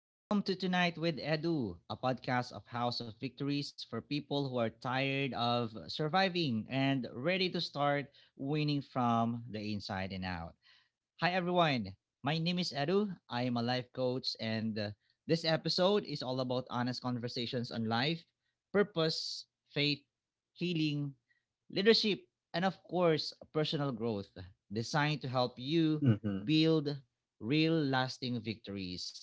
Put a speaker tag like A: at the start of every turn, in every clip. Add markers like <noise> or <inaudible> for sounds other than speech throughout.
A: Welcome to Tonight with Edu, a podcast of House of Victories for people who are tired of surviving and ready to start winning from the inside and out. Hi, everyone. My name is Edu. I am a life coach, and this episode is all about honest conversations on life, purpose, faith, healing, leadership, and of course, personal growth, designed to help you
B: Mhm.
A: build real lasting victories.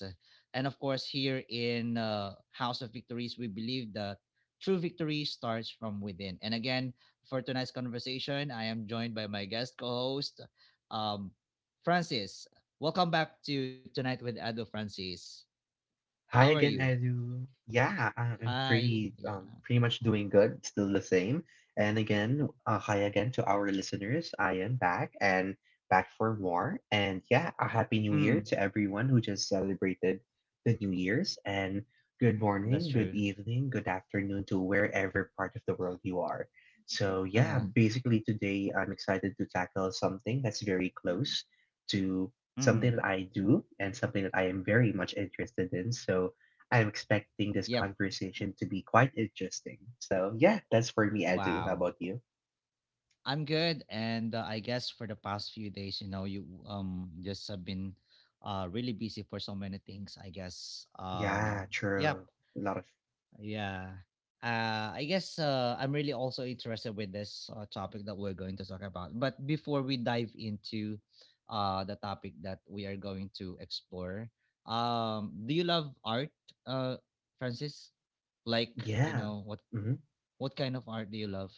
A: And of course, here in House of Victories, we believe that true victory starts from within. And again, for tonight's conversation, I am joined by my guest co host. Um, Francis, welcome back to Tonight with Ado Francis. How are
B: Hi again,
A: you?
B: Edu. Yeah, I'm
A: Hi.
B: pretty
A: Yeah.
B: pretty much doing good, still the same. And again, hi again to our listeners. I am back and back for more. And yeah, a happy new
A: Mm,
B: year to everyone who just celebrated the New Year's. And good
A: that's
B: morning, good
A: true.
B: evening, good afternoon to wherever part of the world you are. So yeah,
A: Uh-huh.
B: basically today I'm excited to tackle something that's very close to
A: Mm.
B: something that I do and something that I am very much interested in. So I'm expecting this
A: Yep.
B: conversation to be quite interesting. So yeah, that's for me, Edu. How
A: Wow.
B: about you?
A: I'm good, and I guess for the past few days, you just have been really busy for so many things. I guess
B: Yeah,
A: yep.
B: true. A lot of
A: Yeah. I'm really also interested with this topic that we're going to talk about. But before we dive into the topic that we are going to explore, do you love art, uh, Francis? Like, you
B: yeah.
A: know, what
B: hmm
A: what kind of art do you love?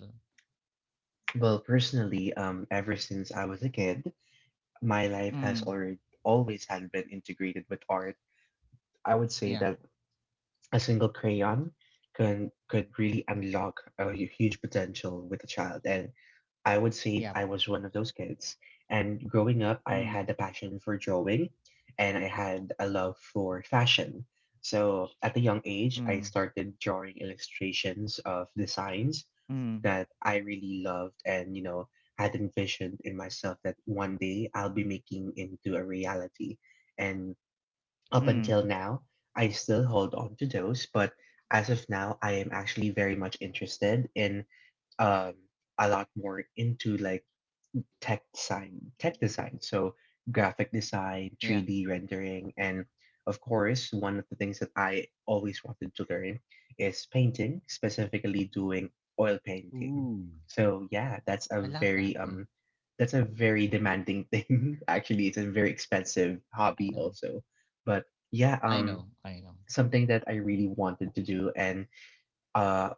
B: Well, personally, ever since I was a kid, my life has
A: Mm,
B: already always had been integrated with art. I would say
A: yeah,
B: that a single crayon can could really unlock a huge potential with a child, and I would say
A: yeah.
B: I was one of those kids. And growing up, I
A: Mm,
B: had a passion for drawing and I had a love for fashion. So at a young age,
A: mm,
B: I started drawing illustrations of designs
A: mm,
B: that I really loved and, you know, had envisioned in myself that one day I'll be making into a reality. And
A: mm,
B: up until now, I still hold on to those, but as of now, I am actually very much interested in um, a lot more into like tech design. So graphic design,
A: yeah.
B: 3D rendering, and of course, one of the things that I always wanted to learn is painting, specifically doing oil painting.
A: Ooh,
B: So yeah,
A: I love that. Yeah,
B: that's a very demanding thing. <laughs> Actually, it's a very expensive
A: I
B: hobby
A: know,
B: also. But yeah,
A: I know.
B: something that I really wanted to do and uh,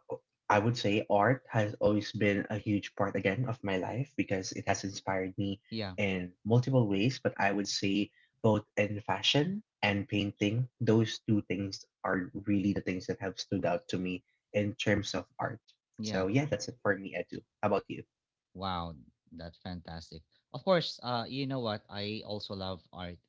B: I would say art has always been a huge part again of my life because it has inspired me
A: Yeah,
B: in multiple ways. But I would say both in fashion and painting, those two things are really the things that have stood out to me in terms of art.
A: yeah.
B: So yeah, that's it for me, Edu. How about you?
A: Wow, that's fantastic. Of course, you know what? I also love art.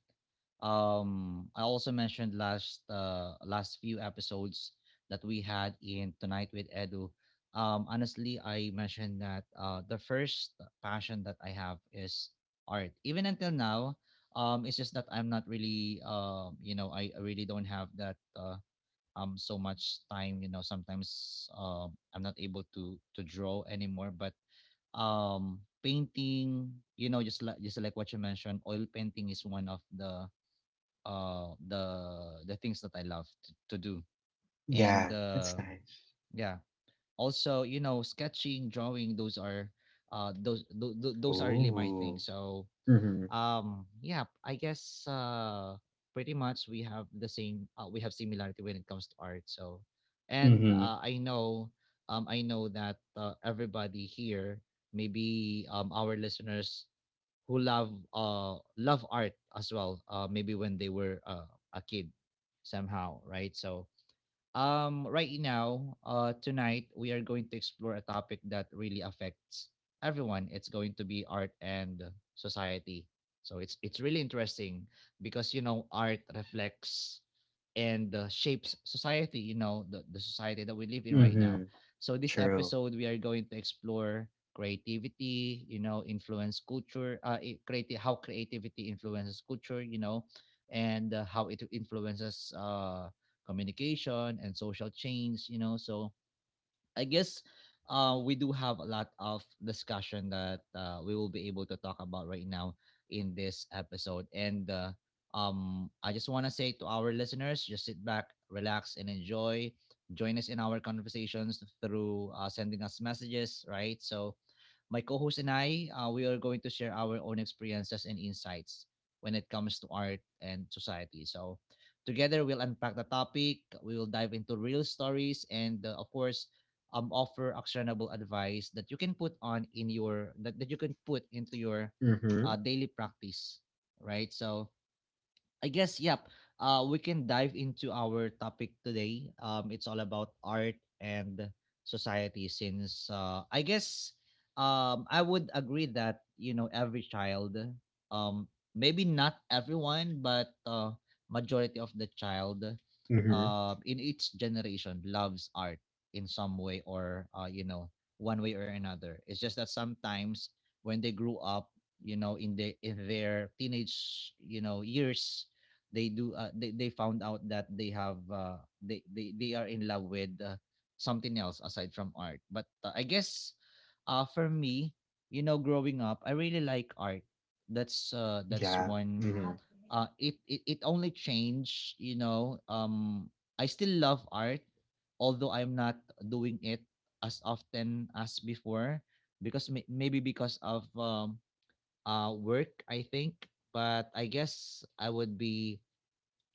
A: I also mentioned last few episodes that we had in Tonight with Edu. Honestly, I mentioned that the first passion that I have is art. Even until now, it's just that I'm not really you know, I really don't have that so much time. You know, sometimes I'm not able to draw anymore, but painting, you know, just like what you mentioned, oil painting is one of the things that I love to do, and
B: Yeah, that's
A: uh
B: nice.
A: yeah, also, you know, sketching, drawing, those are those are really my thing.
B: Oh.
A: So
B: Mm-hmm.
A: yeah, I guess, pretty much we have the same, we have similarity when it comes to art. So and
B: Mm-hmm.
A: uh, I know, I know that, everybody here, maybe our listeners who love love art as well, maybe when they were a kid, somehow, right? So right now, tonight, we are going to explore a topic that really affects everyone. It's going to be art and society. So it's really interesting because, you know, art reflects and shapes society. You know, the society that we live in right
B: Mm-hmm.
A: now. So this
B: True.
A: episode, we are going to explore creativity. You know, influence culture. Creative, how creativity influences culture. You know, and how it influences communication and social change, you know. So I guess, we do have a lot of discussion that we will be able to talk about right now in this episode. And I just want to say to our listeners, just sit back, relax, and enjoy. Join us in our conversations through sending us messages, right? So, my co host and I, we are going to share our own experiences and insights when it comes to art and society. So, together we'll unpack the topic, we will dive into real stories, and of course, offer actionable advice that you can put into your
B: Mm-hmm.
A: daily practice, right? So I guess, yep. We can dive into our topic today. It's all about art and society. Since, I would agree that, you know, every child, um, maybe not everyone, but majority of the child,
B: Mm-hmm.
A: in each generation loves art in some way or, you know, one way or another. It's just that sometimes when they grew up, you know, in their teenage, you know, years, they found out that they have, they are in love with something else aside from art. But I guess, for me, you know, growing up I really like art, that's, that's
B: Yeah.
A: one.
B: Mm-hmm.
A: It only changed, you know. I still love art, although I'm not doing it as often as before, because maybe because of work, I think. But I guess I would be,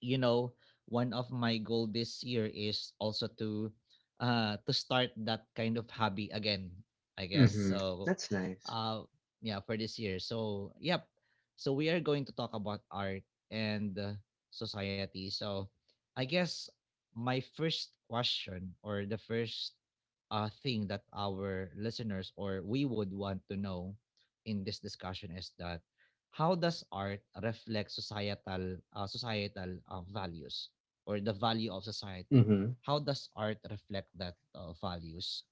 A: you know, one of my goal this year is also to start that kind of hobby again, I guess.
B: Mm-hmm.
A: So
B: That's nice.
A: uh yeah, for this year. So yep, so we are going to talk about art and society. So I guess my first question, or the first thing that our listeners or we would want to know in this discussion is that, how does art reflect societal, values, or the value of society? How
B: Mm-hmm.
A: does art reflect that values?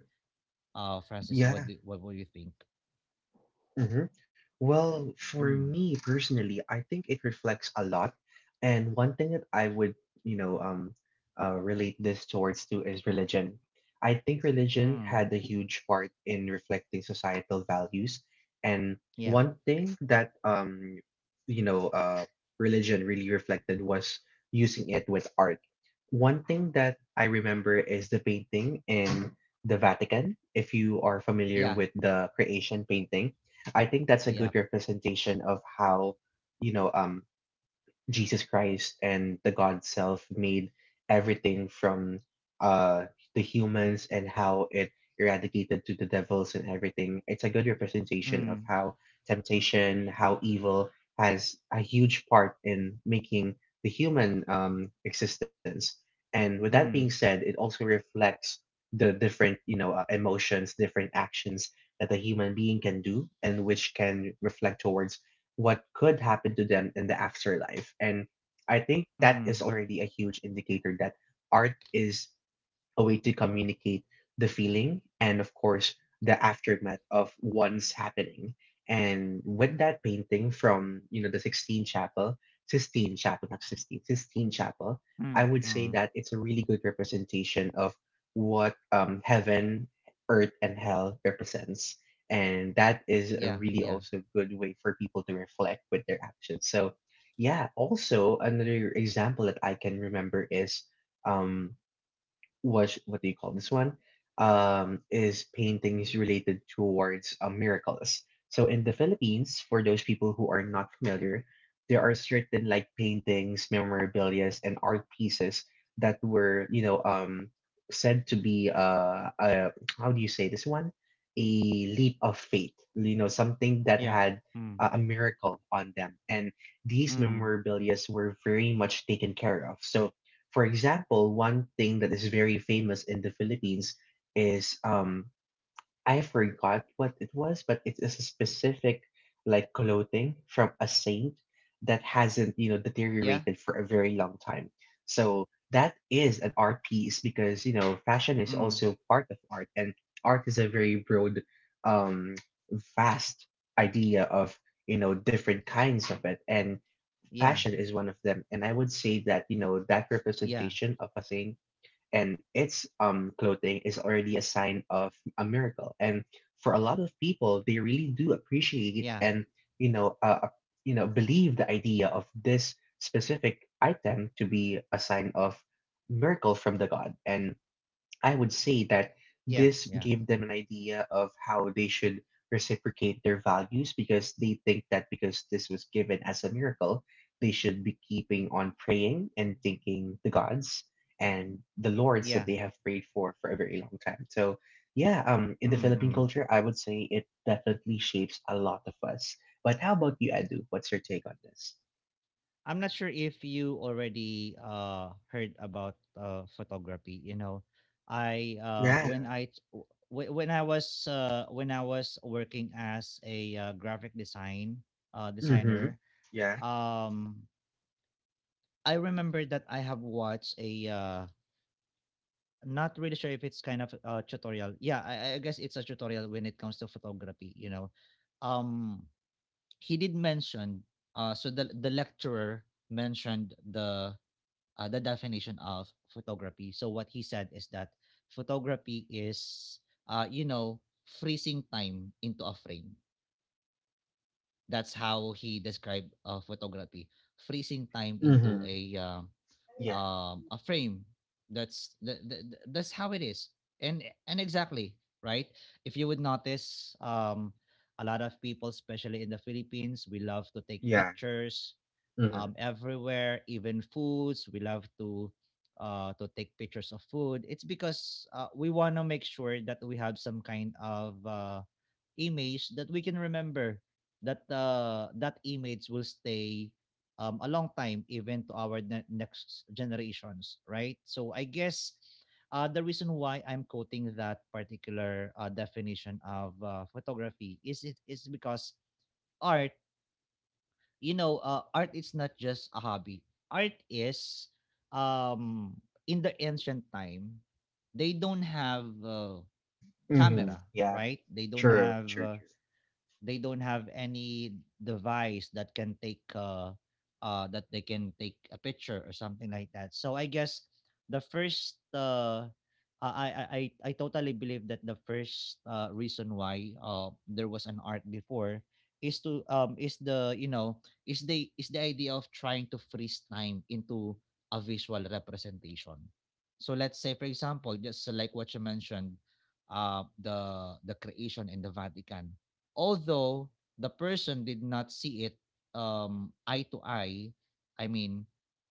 A: Francis, what do,
B: Yeah.
A: what would you think?
B: Mhm. Well, for
A: Mm.
B: me personally, I think it reflects a lot. And one thing that I would, you know, um, relate this towards to is religion. I think religion
A: Mm.
B: had a huge part in reflecting societal values. And
A: Yep.
B: one thing that you know, uh, religion really reflected was using it with art. One thing that I remember is the painting in the Vatican. If you are familiar
A: Yeah,
B: with the creation painting, I think that's a good
A: Yep.
B: representation of how you know um Jesus Christ and the God Self made everything from uh the humans and how it eradicated to the devils and everything. It's a good representation of
A: Mm.
B: how temptation, how evil has a huge part in making the human existence. And with that being
A: Mm.
B: said, it also reflects the different, emotions, different actions that a human being can do and which can reflect towards what could happen to them in the afterlife. And I think that is
A: Mm.
B: already a huge indicator that art is a way to communicate the feeling and of course the aftermath of one's happening. And with that painting from the Sixtine Chapel Sistine Chapel not Sistine Sistine Chapel, I
A: Mm.
B: would say
A: Mm.
B: that it's a really good representation of what heaven, earth and hell represents, and that is a
A: yeah,
B: really
A: yeah,
B: also good way for people to reflect with their actions. So yeah, also another example that I can remember is um was what do you call this one? Is paintings related towards miracles. So in the Philippines, for those people who are not familiar, there are certain like paintings, memorabilia, and art pieces that were, said to be how do you say this one? A leap of faith, you know, something that
A: Yeah.
B: had
A: Mm.
B: a miracle on them, and these
A: Mm.
B: memorabilia were very much taken care of. So for example, one thing that is very famous in the Philippines is I forgot what it was, but it is a specific like clothing from a saint that hasn't, you know,
A: yeah,
B: deteriorated for a very long time. So that is an art piece because, you know,
A: Mm.
B: fashion is also part of art, and art is a very broad um vast idea of, you know, different kinds of it, and
A: Yeah.
B: fashion is one of them. And I would say that, you know, that
A: yeah,
B: representation of a thing and its clothing is already a sign of a miracle. And for a lot of people, they really do appreciate
A: Yeah.
B: and, you know, uh, uh, you know, believe the idea of this specific item to be a sign of miracle from the god. And I would say that
A: Yeah.
B: this
A: yeah.
B: gave them an idea of how they should reciprocate their values, because they think that because this was given as a miracle, they should be keeping on praying and thanking the gods and the lords
A: Yeah.
B: that they have prayed for a very long time. So, yeah, in the
A: Mm.
B: Philippine
A: Mm.
B: culture, I would say it definitely shapes a lot of us. But how about you, Edu? What's your take on this?
A: I'm not sure if you already heard about photography. You know, I
B: Yeah.
A: when I t- w- wh- when I was working as a graphic design
B: Mm-hmm.
A: designer,
B: Yeah.
A: um, I remember that I have watched a not really sure if it's kind of a tutorial. Yeah, I guess it's a tutorial when it comes to photography. You know, um, he did mention, so the lecturer mentioned the, the definition of photography. So what he said is that photography is, you know, freezing time into a frame. That's how he described photography, freezing time into
B: Mm-hmm.
A: a,
B: Yeah.
A: a frame. That's that's how it is, and and exactly right. If you would notice, a lot of people, especially in the Philippines, we love to take
B: Yeah.
A: pictures
B: Mm-hmm.
A: everywhere, even foods. We love to take pictures of food. It's because we want to make sure that we have some kind of image that we can remember. That that image will stay a long time, even to our next generations, right? So I guess, the reason why I'm quoting that particular, definition of photography is, it is because art, you know, art is not just a hobby. Art is, um, in the ancient time, they don't have
B: Mm-hmm.
A: camera,
B: Yeah.
A: right?
B: True, true, true.
A: They don't have any device that can take that they can take a picture or something like that. So I guess the first I, I I I totally believe that the first reason why there was an art before is to is the you know is the idea of trying to freeze time into a visual representation. So let's say, for example, just like what you mentioned, the creation in the Vatican, although the person did not see it, eye to eye, I mean,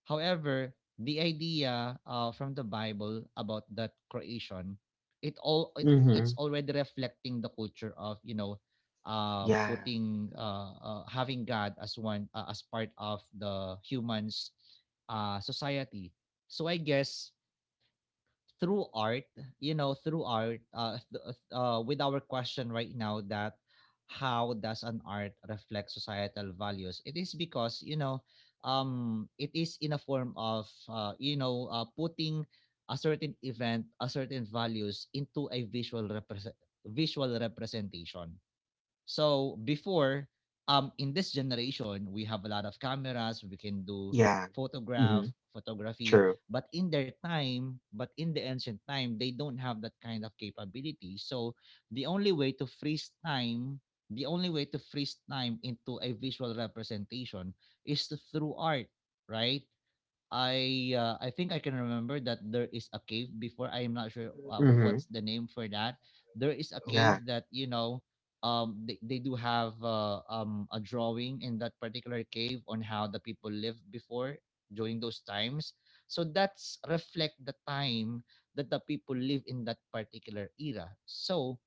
A: however, the idea, from the Bible about that creation, it all it,
B: Mm-hmm.
A: it's already reflecting the culture of, you know,
B: Yeah,
A: putting, having God as one, as part of the humans' society. So I guess, through art, you know, through art, with our question right now, that how does an art reflect societal values? It is because, you know, it is in a form of, you know, putting a certain event, a certain values into a visual representation. So before, in this generation, we have a lot of cameras. We can do
B: yeah. Mm-hmm.
A: photograph, photography.
B: True.
A: But in their time, but in the ancient time, they don't have that kind of capability. So the only way to freeze time, the only way to freeze time into a visual representation is to- through art, right? I think I can remember that there is a cave before. I am not sure
B: Mm-hmm.
A: what's the name for that. There is a
B: Yeah,
A: cave that, you know, they do have, a drawing in that particular cave on how the people lived before during those times. So that's reflect the time that the people live in that particular era. So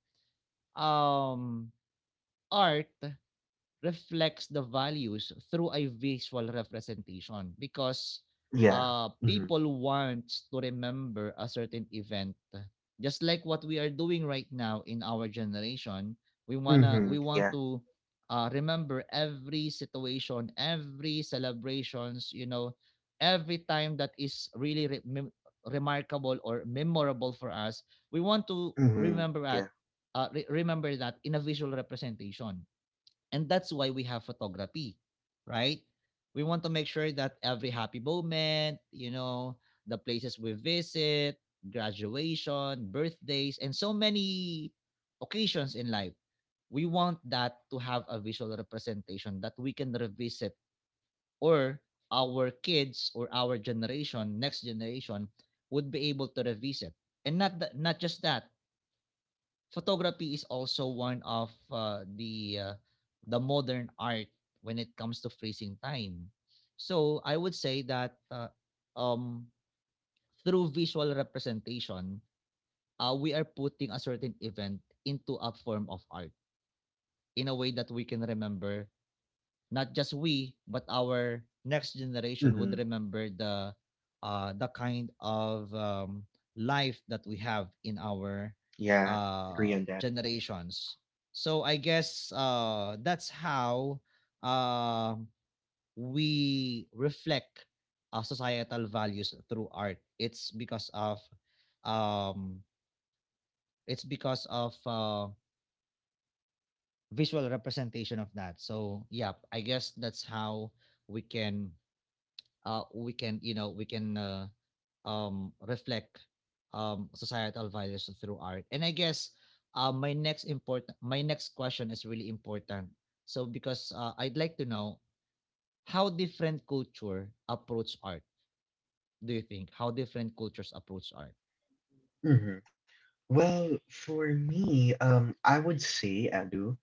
A: um art reflects the values through a visual representation because,
B: yeah. Mm-hmm.
A: people want to remember a certain event, just like what we are doing right now in our generation. We wanna
B: Mm-hmm.
A: we want
B: Yeah.
A: to, remember every situation, every celebrations, you know, every time that is really remarkable or memorable for us. We want to
B: Mm-hmm.
A: remember
B: Yeah.
A: at, remember that in a visual representation. And that's why we have photography, right? We want to make sure that every happy moment, the places we visit, graduation, birthdays, and so many occasions in life, we want that to have a visual representation that we can revisit, or our kids or our generation, next generation, would be able to revisit. And not just that, photography is also one of the the modern art when it comes to freezing time. So I would say that um, through visual representation, we are putting a certain event into a form of art in a way that we can remember, not just we but our next generation
B: Mm-hmm.
A: would remember the the kind of life that we have in our
B: Yeah. Agree on that.
A: generations. So I guess that's how uh, we reflect societal values through art. Um, it's because of visual representation of that. So yeah, I guess that's how we can we can reflect societal values through art. And I guess my next question is really important. So because I'd like to know how different culture approach art. Do you think how different cultures approach art?
B: Mm-hmm. Well, for me, I would say, Adu,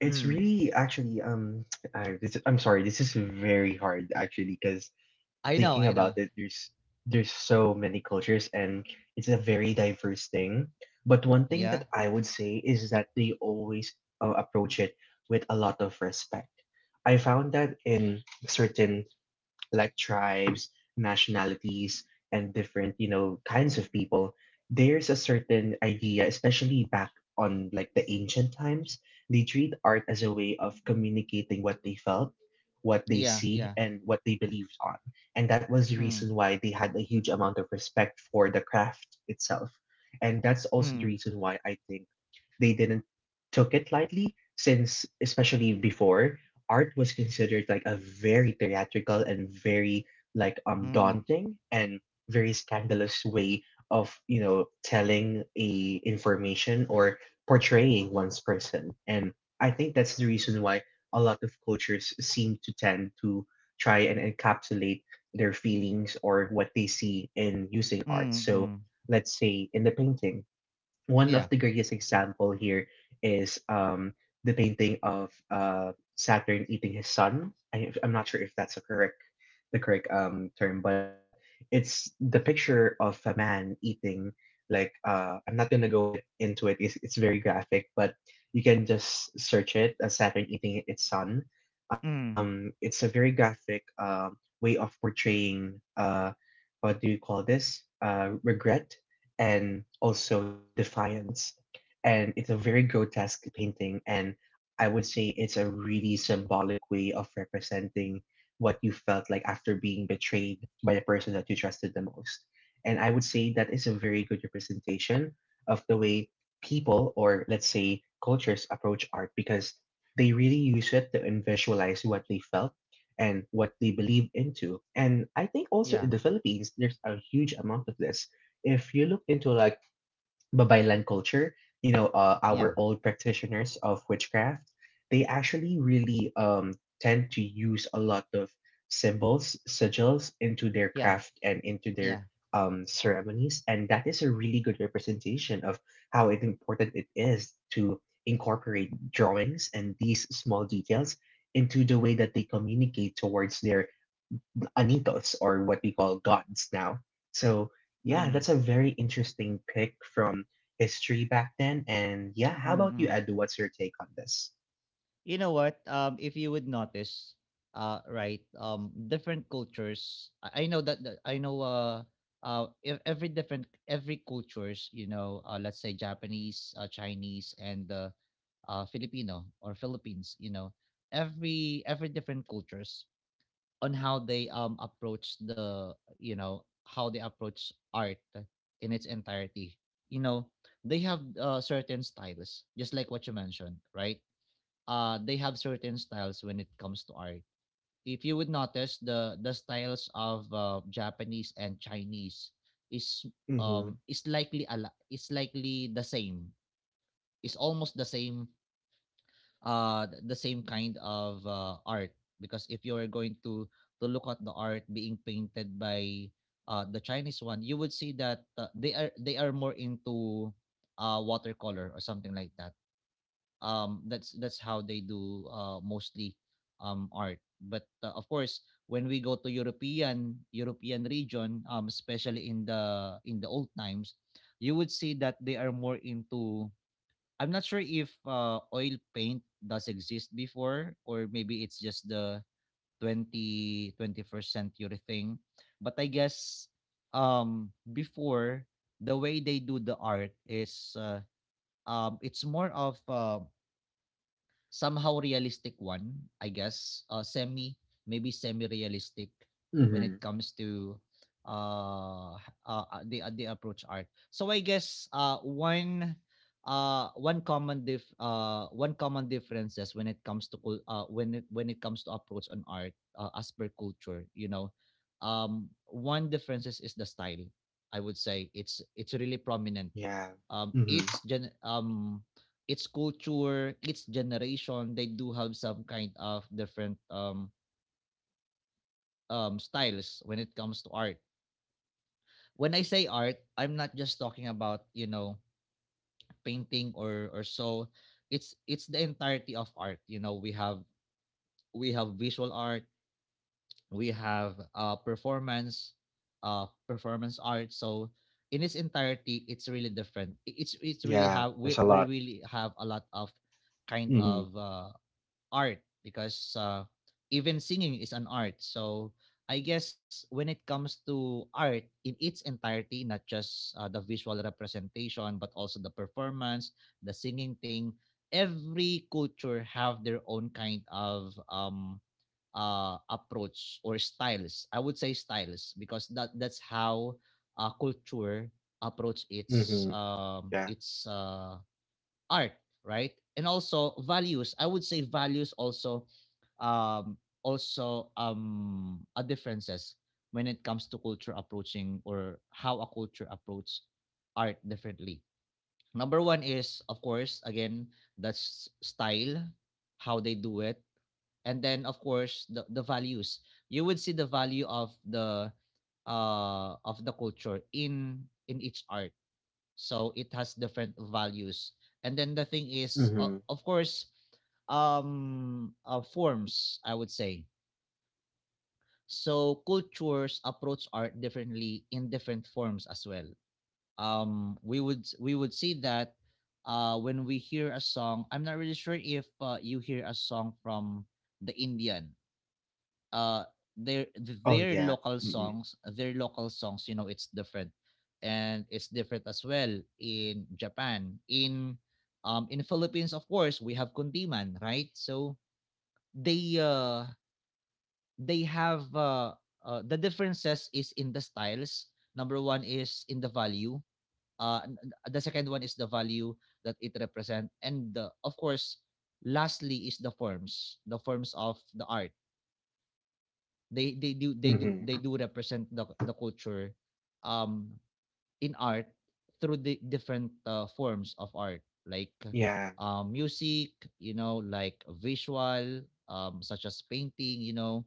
B: it's
A: Mm.
B: really actually <tsk> this is, I'm sorry, this is very hard actually, because
A: I know,
B: thinking
A: I
B: about
A: know.
B: it, there's so many cultures and it's a very diverse thing. But one thing that
A: Yeah,
B: I would say is that they always approach it with a lot of respect. I found that in certain like tribes, nationalities, and different, you know, kinds of people, there's a certain idea, especially back on like the ancient times, they treat art as a way of communicating what they felt, what they
A: yeah,
B: see,
A: yeah.
B: and what they believed on. And that was the
A: Mm,
B: reason why they had a huge amount of respect for the craft itself. And that's also the
A: mm,
B: reason why I think they didn't took it lightly, since especially before, art was considered like a very theatrical and very like
A: mm,
B: daunting and very scandalous way of, you know, telling a information or portraying one's person. And I think that's the reason why a lot of cultures seem to tend to try and encapsulate their feelings or what they see in using art.
A: mm,
B: So
A: mm.
B: let's say in the painting, one
A: Yeah,
B: of the greatest example here is the painting of Saturn eating his sun. I'm not sure if that's the correct term, but it's the picture of a man eating like I'm not gonna go it into it. It's very graphic, but you can just search it as Saturn eating its sun.
A: mm,
B: It's a very graphic way of portraying what do you call this, regret and also Defiance. And it's a very grotesque painting, and I would say it's a really symbolic way of representing what you felt like after being betrayed by the person that you trusted the most. And I would say that is a very good representation of the way people, or let's say cultures, approach art, because they really use it to visualize what they felt and what they believe into. And I think also
A: yeah,
B: in the Philippines, there's a huge amount of this. If you look into like Babaylan culture, you know,
A: yeah,
B: our old practitioners of witchcraft, they actually really tend to use a lot of symbols, sigils into their
A: yeah,
B: craft and into their
A: yeah.
B: ceremonies, and that is a really good representation of how it important it is to incorporate drawings and these small details into the way that they communicate towards their Anitos, or what we call gods now. So, yeah,
A: Mm,
B: that's a very interesting pick from history back then. And yeah,
A: mm,
B: how about you,
A: mm.
B: Edu? What's your take on this?
A: You know what, if you would notice, right different cultures, I know that I know, every cultures, you know, let's say Japanese, Chinese, and Filipino or Philippines, you know, every different cultures, on how they approach the you know how they approach art in its entirety. You know, they have certain styles, just like what you mentioned, right? They have certain styles when it comes to art. If you would notice the styles of Japanese and Chinese is
B: Mm-hmm.
A: um is likely a is likely the same. It's almost the same, the same kind of art, because if you are going to look at the art being painted by the Chinese one, you would see that they are more into watercolor or something like that. That's how they do mostly art. But of course, when we go to European region, especially in the old times, you would see that they are more into, I'm not sure if oil paint does exist before, or maybe it's just the twenty twenty first century thing. But I guess before, the way they do the art is it's more of somehow realistic one, I guess. Semi, maybe semi-realistic when
B: Mm-hmm.
A: it comes to the approach art. So I guess one common differences when it comes to when it comes to approach on art, as per culture, you know, one differences is the style. I would say it's really prominent.
B: Yeah.
A: um
B: Mm-hmm.
A: its gen um its culture, its generation, they do have some kind of different styles when it comes to art. When I say art, I'm not just talking about, you know, painting or so. It's the entirety of art. You know, we have visual art, we have uh performance, performance art. So in its entirety, it's really different. I- it's really
B: Yeah.
A: have
B: There's
A: we,
B: a
A: we
B: lot.
A: really have a lot of kind
B: Mm-hmm.
A: of art, because even singing is an art. So I guess when it comes to art in its entirety, not just the visual representation, but also the performance, the singing thing, every culture have their own kind of approach or styles. I would say styles, because that's how culture approach its
B: Mm-hmm.
A: um,
B: Yeah.
A: its uh, art, right? And also values. I would say values um also are differences when it comes to culture approaching, or how a culture approaches art differently. Number one is, of course, again, that's style, how they do it, and then, of course, the values. You would see the value of the culture in each art, so it has different values. And then the thing is,
B: Mm-hmm.
A: of course, forms, I would say. So cultures approach art differently in different forms as well. We would see that when we hear a song, I'm not really sure if you hear a song from the Indian, uh their
B: Oh yeah. Mm-hmm.
A: local songs, you know, it's different. And it's different as well in Japan, in Philippines. Of course, we have kundiman, right? So they uh they have uh, the differences is in the styles. Number one is in the value, uh the second one is the value that it represent. And, the, of course, lastly is the forms, the forms of the art. they they do they do
B: Mm-hmm.
A: they do represent the culture um in art through the different forms of art, like
B: Yeah.
A: music, you know, like visual, such as painting, you know,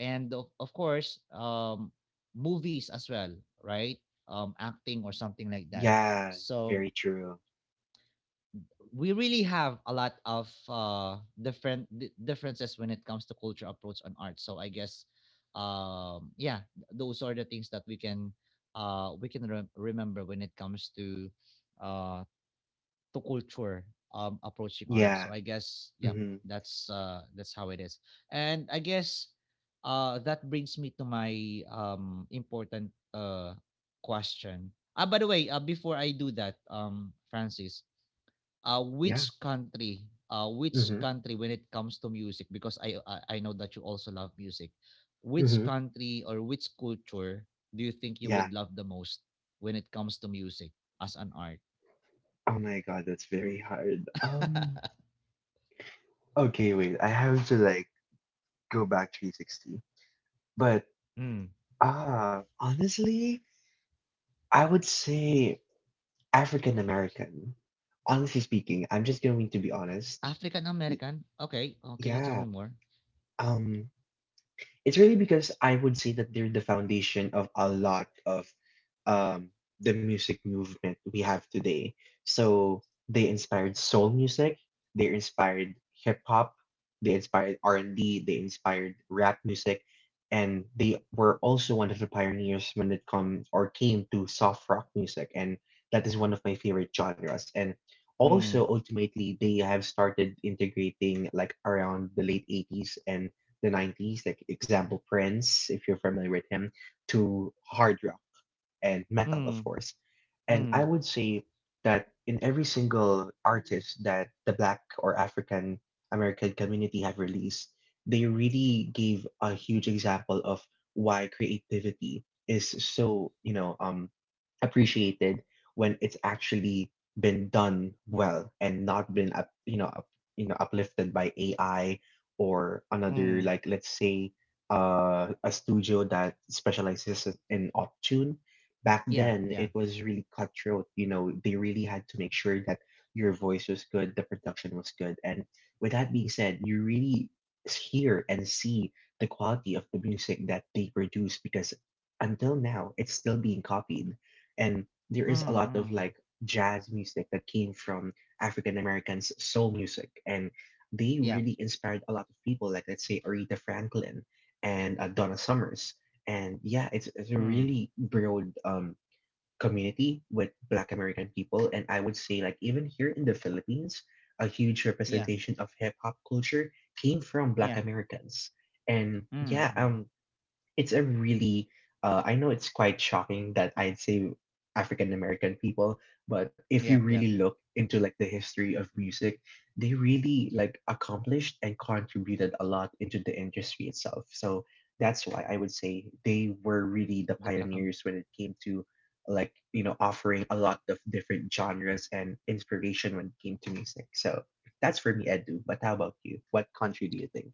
A: and of course movies as well, right? Acting or something like that.
B: Yeah.
A: So
B: Very true.
A: we really have a lot of different differences when it comes to culture approach on art. So I guess, yeah, those are the things that we can remember when it comes to uh, culture, approaching art.
B: Yeah.
A: So I guess, yeah,
B: Mm-hmm.
A: that's how it is. And I guess that brings me to my important question. Ah, by the way, before I do that, Francis, uh,
B: Yeah.
A: which country which
B: Mm-hmm.
A: country when it comes to music, because I know that you also love music, which
B: Mm-hmm.
A: country or which culture do you think you
B: Yeah.
A: would love the most when it comes to music, as an art?
B: Oh my god, that's very hard.
A: <laughs>
B: Okay, wait. I have to like go back 360. But
A: Mm.
B: honestly, I would say African American. Honestly speaking, I'm
A: W-
B: just going to be honest.
A: African American, okay. Oh, can you tell me
B: Yeah.
A: more?
B: Um, it's really because I would say that they're the foundation of a lot of um the music movement we have today. So they inspired soul music, they inspired hip hop, they inspired R&B, they inspired rap music, and they were also one of the pioneers when it comes or came to soft rock music, and that is one of my favorite genres. And also
A: Mm.
B: ultimately they have started integrating like around the late 80s and the 90s, like example Prince, if you're familiar with him, to hard rock and metal, of
A: Mm.
B: course. And I
A: Mm.
B: would say that in every single artist that the black or african american community have released, they really gave a huge example of why creativity is so appreciated when it's actually been done well and not been uplifted by AI or another,
A: Mm.
B: like, let's say a studio that specializes in auto tune. Back
A: Yeah,
B: then it
A: yeah.
B: was really cutthroat, you know, they really had to make sure that your voice was good, the production was good. And with that being said, you really hear and see the quality of the music that they produce because until now it's still being copied. And there is a
A: Mm.
B: lot of
A: Mm.
B: like jazz music that came from african americans, soul music, and they
A: Yeah.
B: really inspired a lot of people, like let's say aretha franklin and donna summers. And yeah, it's a
A: Mm.
B: really broad community with black american people. And I would say, like, even here in the philippines, a huge
A: Yeah,
B: representation of hip hop culture came from
A: yeah.
B: black americans. And
A: Mm.
B: yeah,
A: Mm.
B: it's a really I know it's quite shocking that I'd say African American people, but if you
A: Yep, yep.
B: really look into like the history of music, they really like accomplished and contributed a lot into the industry itself. So that's why I would say they were really the
A: the black Am-
B: pioneers when it came to, like, you know, offering a lot of different genres and inspiration when it came to music. So that's for me, Edu. But how about you? What country do you think?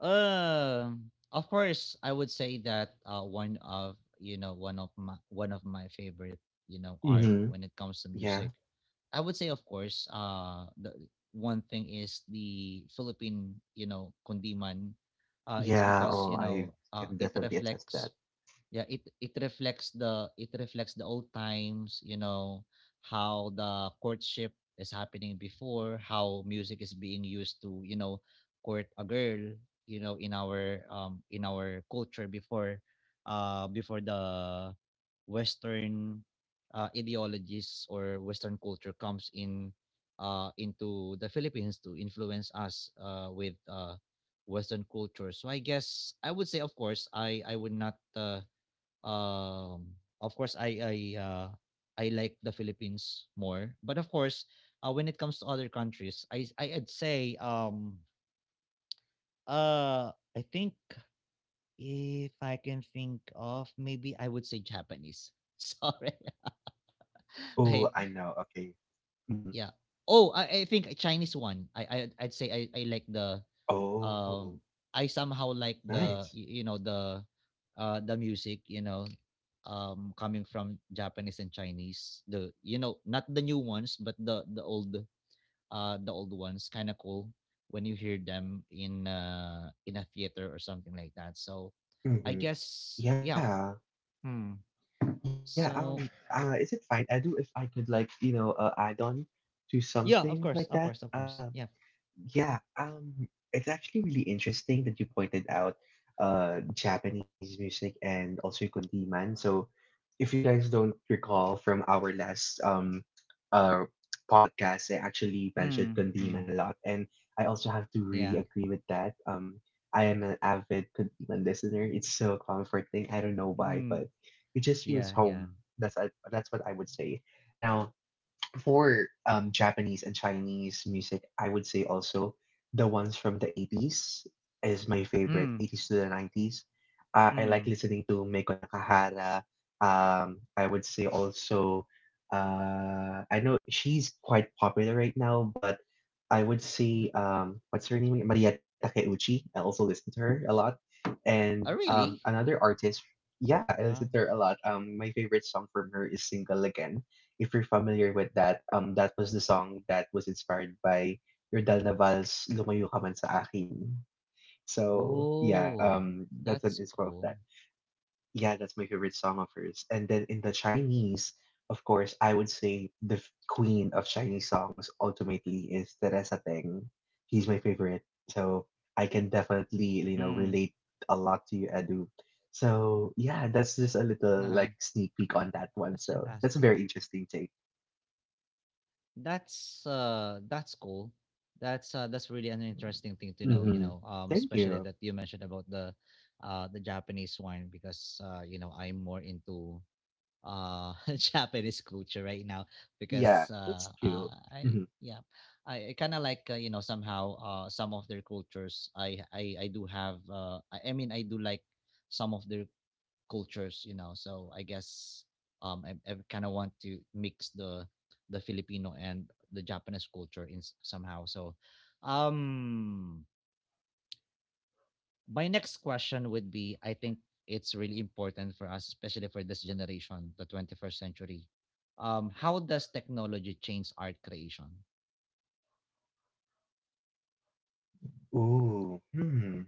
A: Of course, I would say that one of my favorite, you know, art
B: Mm-hmm.
A: when it comes to
B: Yeah.
A: music, I would say, of course, the one thing is the Philippine, you know, kundiman. It's
B: Yeah,
A: because,
B: oh,
A: you
B: I
A: know,
B: can
A: it
B: definitely attest
A: reflects,
B: that.
A: yeah, it reflects the it reflects the old times, you know, how the courtship is happening before, how music is being used to court a girl, in our culture before before the western ideologies or western culture comes in into the Philippines to influence us with western culture. So I guess, I would not um of course I I like the Philippines more. But of course, when it comes to other countries, uh I think if I can think of maybe I would say Japanese. <laughs> Sorry. <laughs>
B: Oh,
A: I,
B: I know. Okay. Mm.
A: yeah. Oh, I think a Chinese one, I like the
B: Oh,
A: um I somehow like
B: nice.
A: you know the the music, you know, coming from Japanese and Chinese, the, you know, not the new ones but the old ones, kind of cool when you hear them in a theater or something like that. So I
B: Hmm.
A: guess, yeah.
B: Yeah.
A: Hmm.
B: Yeah,
A: So
B: is it fine? I do, if I could, like, you know, add on to
A: yeah, of
B: something
A: course, of
B: like
A: course,
B: that.
A: of course, yeah.
B: Yeah, it's actually really interesting that you pointed out Japanese music and also Kundiman. So if you guys don't recall from our last uh podcast, I actually mentioned
A: Mm, mm,
B: Kundiman a lot, and I also have to really
A: yeah,
B: agree with that. I am an avid Kundiman listener. It's so comforting. I don't know why, but
A: mm,
B: it just feels
A: yeah, yeah,
B: home. That's what I would say. Now, for Japanese and Chinese music, I would say also the ones from the 80s is my favorite,
A: mm,
B: 80s to the 90s. I like
A: mm.
B: listening to Meiko Nakahara. I would say also, I know she's quite popular right now, but I would say, what's her name? Maria Takeuchi. I also listen to her a lot.
A: Oh,
B: And
A: really?
B: another artist, yeah, I listen to her a lot. My favorite song from her is Single Again, if you're familiar with that. That was the song that was inspired by Yordal Naval's Lumayo Ka Man Sa Akin. So, yeah,
A: Oh,
B: that's an
A: that's
B: inspo of that.
A: cool.
B: Yeah, that's my favorite song of hers. And then in the Chinese, of course, I would say the queen of Chinese songs ultimately is Teresa Teng. He's my favorite. So I can definitely, you
A: Mm.
B: know, relate a lot to you, Edu. So yeah, that's just a little
A: Uh-huh.
B: like sneak peek on that one.
A: That's
B: So that's a
A: fantastic.
B: very interesting take.
A: That's cool. That's really an interesting thing to know, you know,
B: Mhm. Thank
A: especially
B: you.
A: that you mentioned about the Japanese wine, because I'm more into <laughs> Japanese culture right now, because
B: Yeah, that's cute.
A: I,
B: Mhm.
A: yeah. I kind of like, somehow, some of their cultures. I do have, I mean, I do like some of their cultures, you know. So I guess, I kind of want to mix the Filipino and the Japanese culture, somehow. So, um my next question would be, I think it's really important for us, especially for this generation, the 21st century, how does technology change art creation?
B: Ooh. Hmm.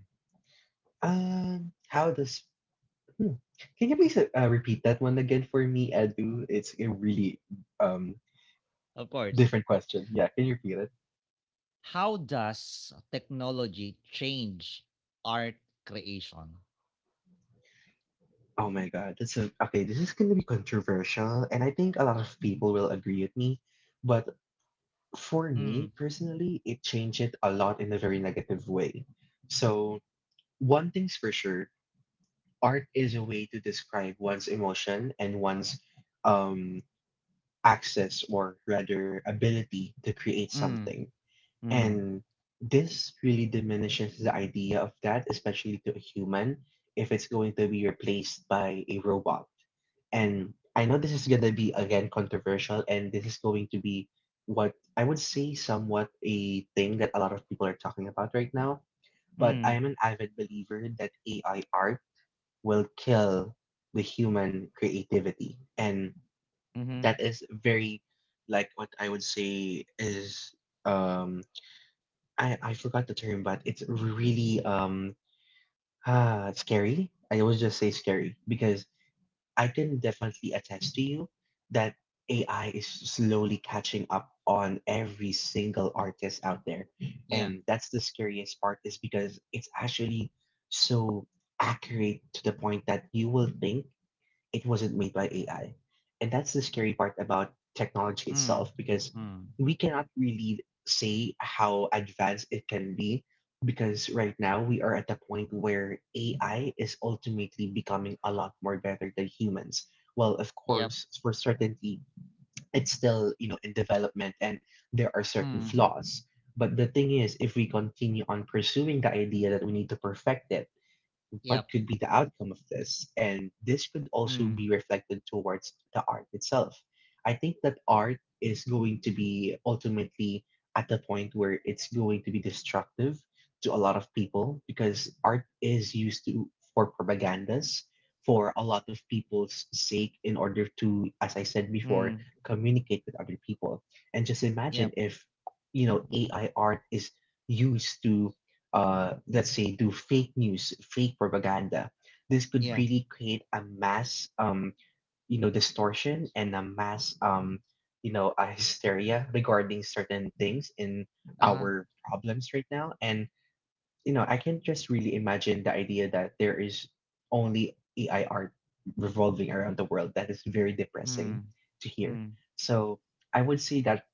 B: Um, how does hmm. Can you please repeat that one again for me, Edu? It's a really um
A: Of course.
B: different question. Yeah, can you repeat it?
A: How does technology change art creation?
B: Oh my God, that's a okay. This is gonna be controversial, and I think a lot of people will agree with me. But for me
A: Mm,
B: personally, it changed it a lot in a very negative way. So one thing's for sure, art is a way to describe one's emotion and one's um, access, or rather ability to create
A: mm,
B: something.
A: mm,
B: And this really diminishes the idea of that, especially to a human, if it's going to be replaced by a robot. And I know this is going to be, again, controversial, and this is going to be what I would say somewhat a thing that a lot of people are talking about right now. But I am
A: mm,
B: an avid believer that AI art will kill the human creativity. And
A: mm-hmm.
B: that is very like what I would say is um I forgot the term, but it's really scary. I always just say scary because I can definitely attest to you that AI is slowly catching up on every single artist out there.
A: Yeah.
B: And that's the scariest part is because it's actually so accurate to the point that you will think it wasn't made by AI. And that's the scary part about technology
A: Mm.
B: itself, because
A: Mm.
B: we cannot really say how advanced it can be, because right now we are at the point where AI is ultimately becoming a lot more better than humans. Well, of
A: Yep.
B: course, for certainty, it's still, you know, in development and there are certain
A: Mm.
B: flaws. But the thing is, if we continue on pursuing the idea that we need to perfect it, what
A: Yep.
B: could be the outcome of this, and this could also be
A: Mm.
B: reflected towards the art itself. I think that art is going to be ultimately at the point where it's going to be destructive to a lot of people, because art is used to for propagandas, for a lot of people's sake, in order to, as I said before,
A: Mm.
B: communicate with other people. And just
A: Yep.
B: imagine if, you know, AI art is used to let's say do fake news, fake propaganda, this could
A: Yeah.
B: really create a mass, you know, distortion, and a mass, you know, a <laughs> hysteria regarding certain things in
A: Uh-huh.
B: our problems right now. And you know, I can just really imagine the idea that there is only AI art revolving around the world. That is very depressing
A: Mm.
B: to hear.
A: Mm.
B: So I would say that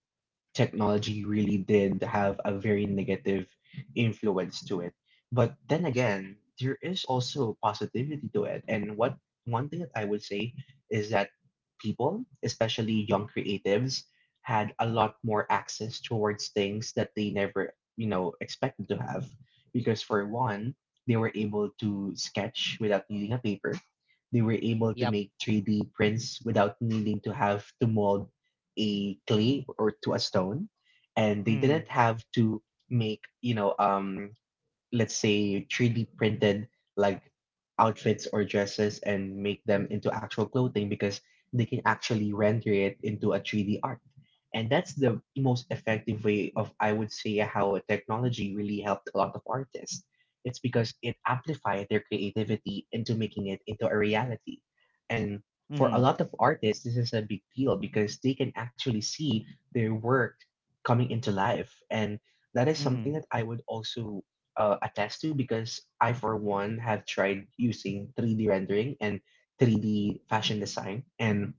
B: technology really did have a very negative influence to it. But then again, there is also positivity to it. And what one thing that I would say is that people, especially young creatives, had a lot more access towards things that they never, you know, expected to have. Because for one, they were able to sketch without needing a paper. They were able to
A: Yep.
B: make 3D prints without needing to have to mold a clay or to a stone, and they
A: Mm.
B: didn't have to make let's say 3D printed, like, outfits or dresses and make them into actual clothing, because they can actually render it into a 3D art. And that's the most effective way of, I would say, how technology really helped a lot of artists. It's because it amplified their creativity into making it into a reality. And for a
A: Mhm.
B: lot of artists, this is a big deal because they can actually see their work coming into life. And that is something
A: Mhm.
B: that I would also attest to, because I, for one, have tried using 3D rendering and 3D fashion design. And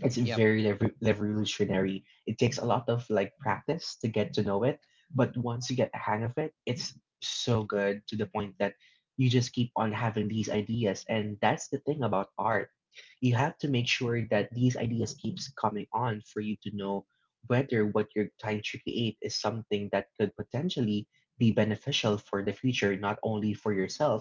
B: it's
A: Yep.
B: very revolutionary. It takes a lot of like practice to get to know it, but once you get the hang of it, it's so good to the point that you just keep on having these ideas. And that's the thing about art. You have to make sure that these ideas keeps coming on for you to know whether what you're trying to create is something that could potentially be beneficial for the future, not only for yourself,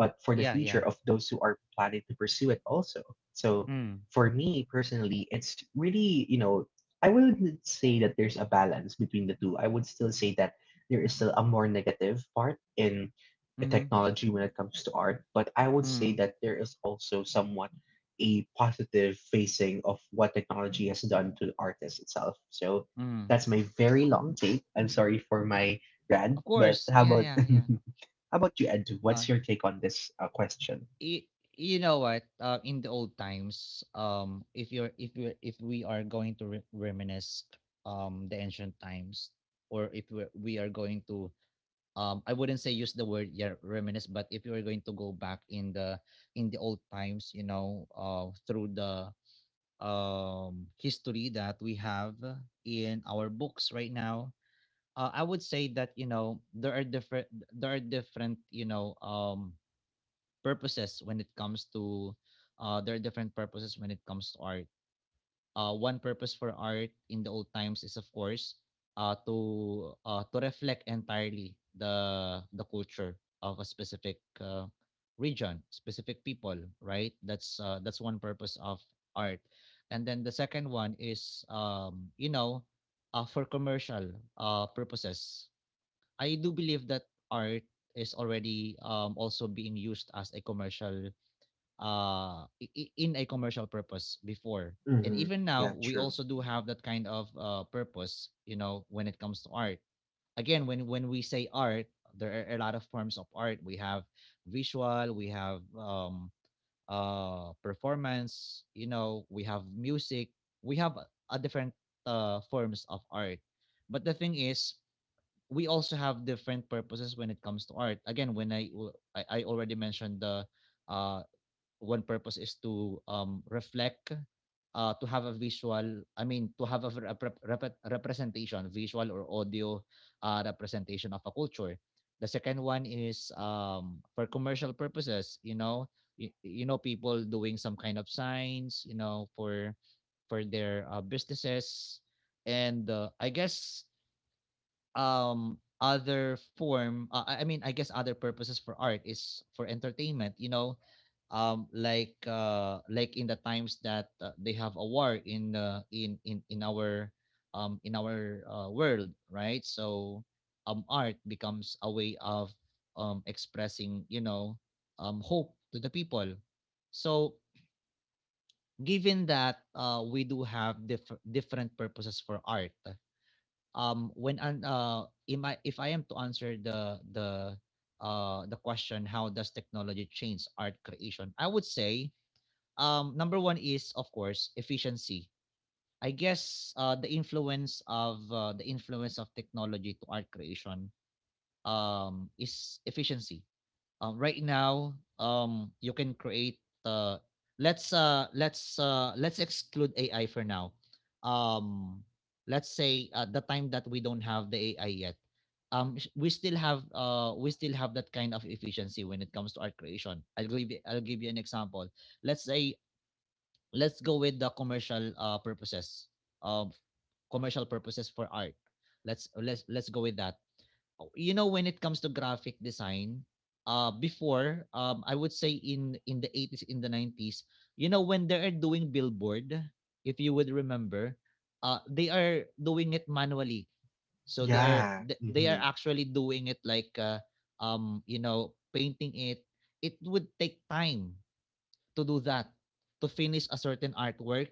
B: but for the
A: Yeah, yeah.
B: future of those who are planning to pursue it also. So
A: Mm.
B: for me personally, it's really, you know, I wouldn't say that there's a balance between the two. I would still say that there is still a more negative part in the
A: Mhm.
B: technology when it comes to art, but I would say
A: Mm.
B: that there is also somewhat a positive facing of what technology has done to the artist itself. So
A: Mm.
B: that's my very long take. I'm sorry for my
A: Of
B: rant, but
A: course.
B: how
A: Yeah,
B: about <laughs>
A: yeah, yeah.
B: how about you, Ed? What's
A: No.
B: your take on this question?
A: You, you know what? In the old times, if we are going to reminisce the ancient times, or if we're, we are going to I wouldn't say use the word yeah reminisce but if you're going to go back in the old times, through the history that we have in our books right now. I would say that, you know, there are different, purposes when it comes to there are different purposes when it comes to art. One purpose for art in the old times is, of course, to reflect entirely the culture of a specific, region, specific people, right? That's one purpose of art, and then the second one is, for commercial purposes. I do believe that art is already, also being used as a commercial in a commercial purpose before, and
B: Mm-hmm.
A: even now
B: Yeah,
A: we
B: true.
A: also do have that kind of purpose, you know, when it comes to art. Again, when we say art, there are a lot of forms of art. We have visual, we have performance, you know, we have music, we have a different forms of art. But the thing is, we also have different purposes when it comes to art. Again, when I w- I already mentioned the uh one purpose is to, reflect, to have a visual, I mean, to have a representation, visual or audio representation of a culture. The second one is, for commercial purposes, you know, you know, people doing some kind of signs, you know, for their, businesses. And, I guess, other form I mean I guess other purposes for art is for entertainment, you know, like in the times that, they have a war in, in our, world, right? So, art becomes a way of, expressing, you know, hope to the people. So given that, we do have different purposes for art, when an am I, if I am to answer the question, how does technology change art creation? I would say, number one is, of course, efficiency. I guess, the influence of technology to art creation, is efficiency. Right now, you can create, uh let's exclude ai for now. um let's say at the time that we don't have the ai yet, we still have that kind of efficiency when it comes to art creation. I'll give you an example. Let's say, let's go with the commercial, purposes of commercial purposes for art. Let's go with that. Oh, you know, when it comes to graphic design, before, I would say, in the 80s, in the 90s, you know, when they are doing billboard, if you would remember, they are doing it manually. So
B: Yeah.
A: they are
B: Mhm.
A: actually doing it like, you know, painting it. It would take time to do that, to finish a certain artwork.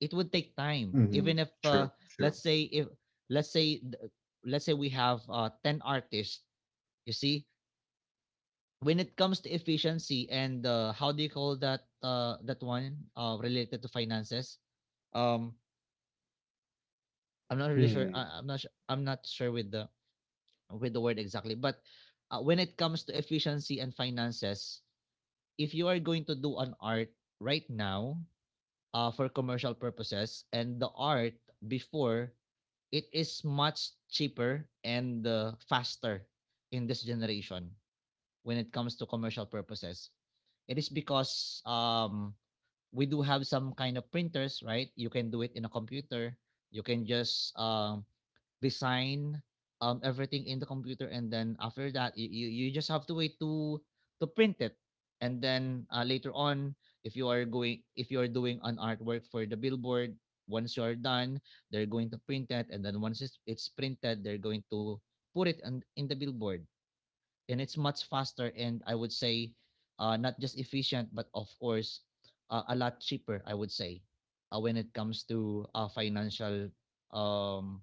A: It would take time,
B: Mhm.
A: even if,
B: True, true.
A: let's say if, let's say th- let's say we have, 10 artists, you see, when it comes to efficiency and, how do you call that, that one, related to finances? Um, I'm not really sure.
B: Hmm.
A: I'm not sure with the, with the word exactly. But, when it comes to efficiency and finances, if you are going to do an art right now, for commercial purposes, and the art before, it is much cheaper and, faster in this generation when it comes to commercial purposes. It is because, we do have some kind of printers, right? You can do it in a computer. You can just, design, everything in the computer, and then after that, you just have to wait to print it. And then, later on, if you are doing an artwork for the billboard, once you are done, they're going to print it, and then once it's printed, they're going to put it in the billboard. And it's much faster, and I would say, not just efficient, but of course, a lot cheaper, I would say, when it comes to, financial, um,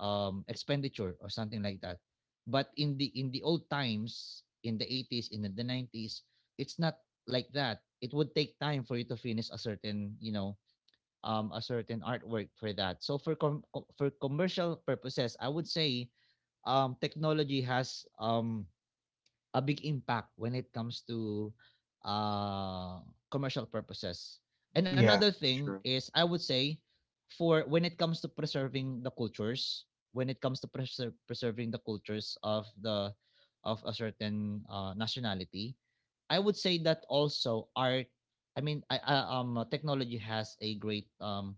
A: expenditure, or something like that. But in the old times, in the 80s, in the 90s, it's not like that. It would take time for you to finish a certain, you know, a certain artwork for that. So, for commercial purposes, I would say, technology has, a big impact when it comes to, uh, commercial purposes. And
B: Yeah,
A: another thing
B: true.
A: is, I would say, for when it comes to preserving the cultures, when it comes to preserving the cultures of the, of a certain, nationality, I would say that also art. Technology has a great, um,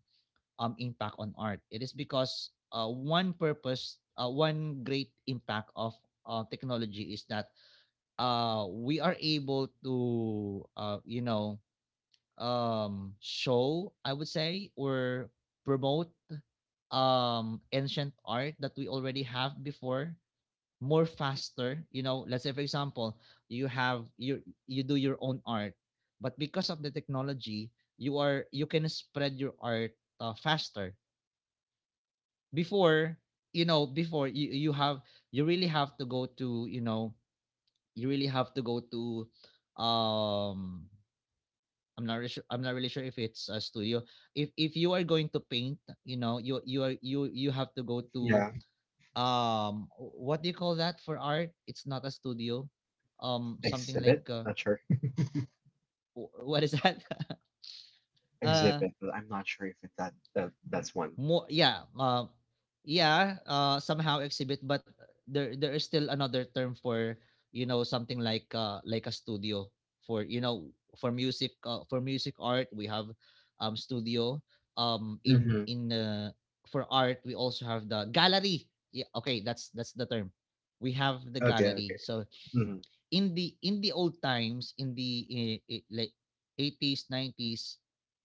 A: um impact on art. It is because, one great impact of, technology is that, we are able to, you know, show, I would say, or promote, ancient art that we already have before, more faster, you know. Let's say, for example, you you do your own art, but because of the technology, you can spread your art, faster. Before, you know, before, you have, you really have to go to, you know, you really have to go to, um I'm not really sure, I'm not really sure if it's a studio. If you are going to paint, you know, you you have to go to,
B: Yeah.
A: what do you call that for art? It's not a studio. Something like,
B: Exhibit? Not sure.
A: what is that? <laughs> uh
B: Exhibit, but I'm not sure if it, that, that that's one.
A: More, yeah, yeah, somehow exhibit, but there is still another term for, you know, something like, like a studio, for, you know, for music, for music art we have, studio,
B: Mm-hmm.
A: in for art we also have the gallery. Yeah, okay, that's the term. We have the
B: Okay,
A: gallery.
B: okay.
A: So
B: Mm-hmm.
A: in the old times, in the like, 80s,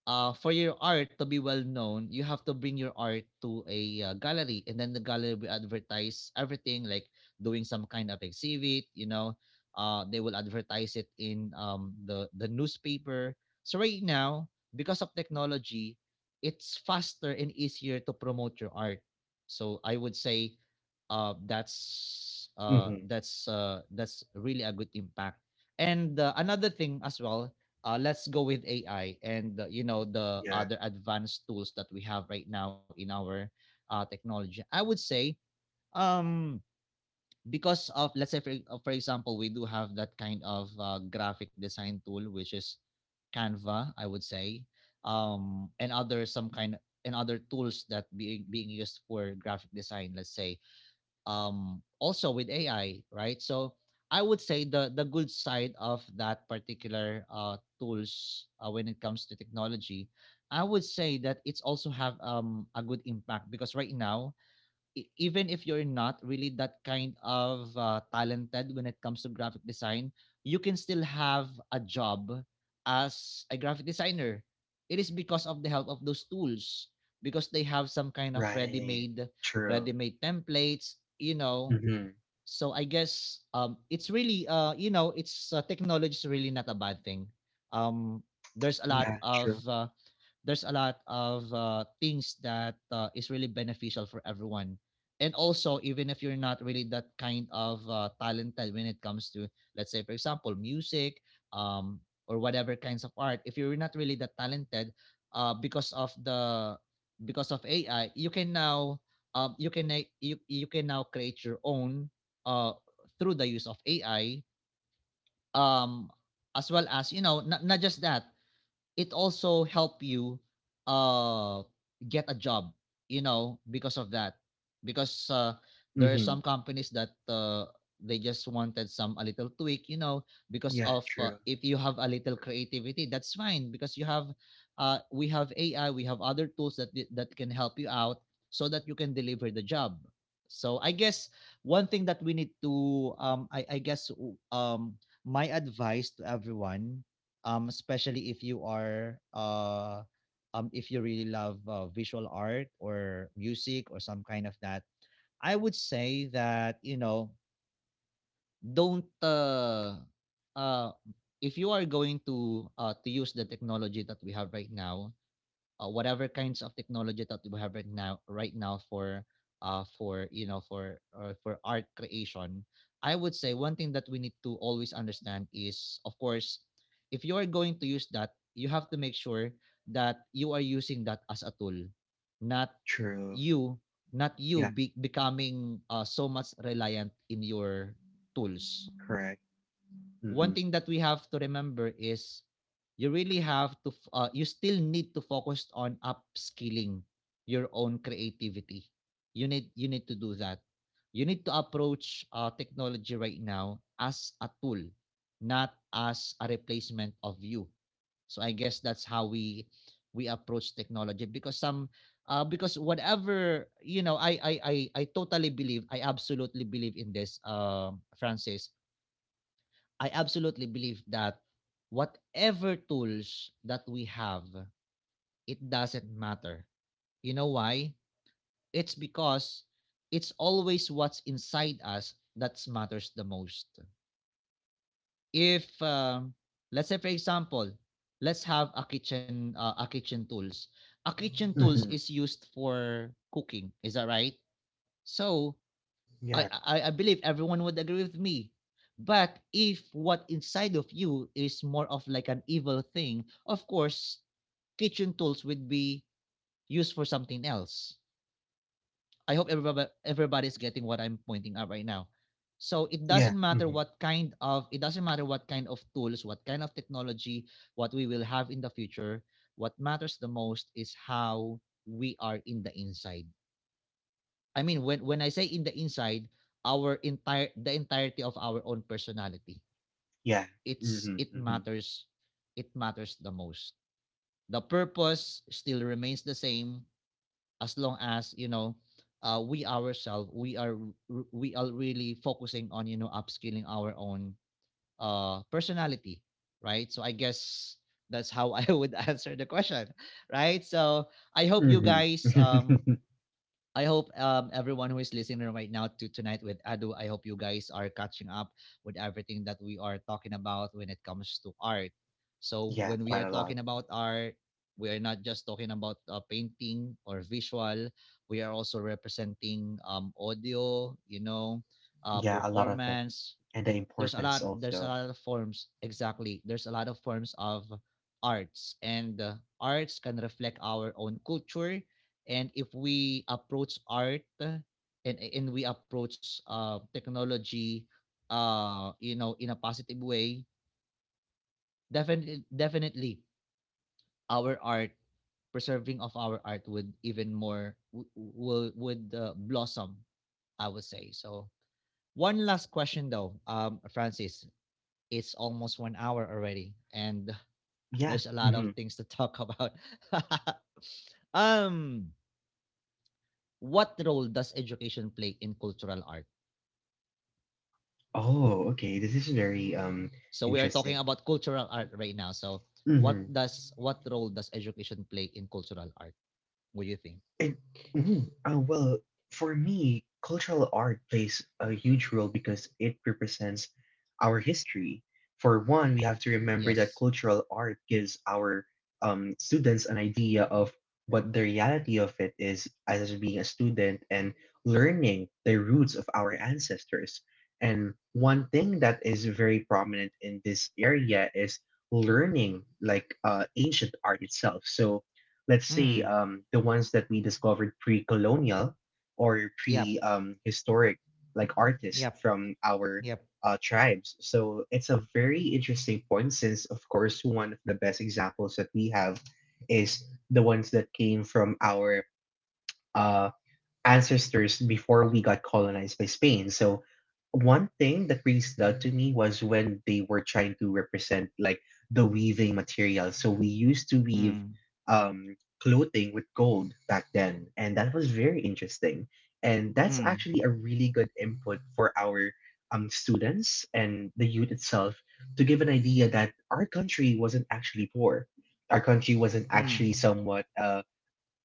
A: for your art to be well known, you have to bring your art to a, gallery, and then the gallery will advertise everything, like doing some kind of exhibit, you know, they will advertise it in, the newspaper. So right now, because of technology, it's faster and easier to promote your art. So I would say,
B: Mm-hmm.
A: that's really a good impact. And, another thing as well, let's go with AI and, you know, the
B: Yeah,
A: other advanced tools that we have right now in our, technology. I would say, um, because of, let's say for example, we do have that kind of, graphic design tool which is Canva, I would say, and other some kind, and other tools that being used for graphic design, let's say, also with AI, right? So I would say the good side of that particular, tools, when it comes to technology, I would say that it's also have, a good impact, because right now, even if you're not really that kind of, talented when it comes to graphic design, you can still have a job as a graphic designer. It is because of the help of those tools, because they have some kind of
B: right.
A: ready-made,
B: True.
A: templates, you know.
B: Mm-hmm.
A: So I guess, it's really, you know, it's technology is really not a bad thing. Um there's a lot
B: Yeah,
A: of
B: true.
A: uh, there's a lot of things that is really beneficial for everyone, and also, even if you're not really that kind of talented when it comes to, let's say, for example, music, um, or whatever kinds of art, if you're not really that talented, uh, because of the because of ai you can now, you can you can now create your own, uh, through the use of ai. um, as well as, you know, not just that, it also help you uh get a job, you know, because of that. Because there are
B: Mm-hmm.
A: some companies that they just wanted some a little tweak, you know, because
B: Yeah,
A: of
B: true.
A: if you have a little creativity that's fine, because you have, we have ai, we have other tools that can help you out so that you can deliver the job. So I guess one thing that we need to I guess, my advice to everyone, especially if you are if you really love visual art or music or some kind of that. I would say that, you know, don't uh, if you are going to use the technology that we have right now, whatever kinds of technology that we have right now for for, you know, for art creation, I would say one thing that we need to always understand is, of course, if you are going to use that, you have to make sure that you are using that as a tool, not
B: True.
A: you,
B: Yeah,
A: becoming so much reliant in your tools.
B: correct.
A: One
B: Mm-hmm.
A: thing that we have to remember is you really have to you still need to focus on upskilling your own creativity. You need to do that. You need to approach technology right now as a tool, not as a replacement of you. So I guess that's how we approach technology. Because, whatever, you know, I I totally believe, I absolutely believe in this, Francis. I absolutely believe that whatever tools that we have, it doesn't matter. You know why? It's because it's always what's inside us that matters the most. If, let's say, for example, let's have a kitchen tools. A kitchen tools
B: Mm-hmm.
A: is used for cooking, is that right? So,
B: Yeah,
A: I believe everyone would agree with me. But if what inside of you is more of like an evil thing, of course, kitchen tools would be used for something else. I hope everybody's getting what I'm pointing out right now. So
B: yeah. Mm-hmm.
A: it doesn't matter what kind of tools, what kind of technology, what we will have in the future. What matters the most is how we are in the inside. I mean, when I say in the inside, our entire the entirety of our own personality,
B: Yeah.
A: it's it
B: Mm-hmm.
A: matters, it matters the most. The purpose still remains the same as long as, you know, we ourselves, we are, we are really focusing on, you know, upskilling our own personality, right? So I guess that's how <laughs> I would answer the question, right? So I hope you
B: Mm-hmm.
A: guys
B: Mm-hmm. <laughs>
A: I hope, everyone who is listening right now to Tonight with Adu, I hope you guys are catching up with everything that we are talking about when it comes to art. So
B: Yeah,
A: when we
B: quite a
A: are
B: lot.
A: talking about art, we are not just talking about painting or visual. We are also representing, audio, you know,
B: Yeah, a lot of it.
A: performance,
B: And the importance
A: there's a
B: also.
A: lot of forms, exactly, there's a lot of forms of arts. And arts can reflect our own culture, and if we approach art, and we approach technology you know, in a positive way, definitely our art, preserving of our art, would even more would blossom, I would say. So one last question though, Francis. It's almost 1 hour already, and there's
B: Yeah.
A: a lot of
B: Mm-hmm.
A: things to talk about. <laughs> um, what role does education play in cultural art?
B: Oh, okay. This is very
A: So we are talking
B: interesting.
A: about cultural art right now. So
B: Mhm.
A: what role does education play in cultural art? What do you think?
B: It, mhm. Well, for me, cultural art plays a huge role because it represents our history. For one, we have to remember that
A: Yes.
B: cultural art gives our students an idea of what the reality of it is as being a student and learning the roots of our ancestors. And one thing that is very prominent in this area is learning like ancient art itself. So let's say
A: Hmm.
B: the ones that we discovered pre-colonial or
A: Yep.
B: pre-historic like artists
A: Yep.
B: from our
A: Yep.
B: tribes, so it's a very interesting point since of course one of the best examples that we have is the ones that came from our uh, ancestors before we got colonized by Spain. So one thing that really stood out to me was when they were trying to represent like the weaving material. So we used to weave
A: Hmm.
B: um clothing with gold back then, and that was very interesting. And that's
A: Hmm.
B: actually a really good input for our students and the youth itself, to give an idea that our country wasn't actually poor. Our country wasn't
A: Hmm.
B: actually somewhat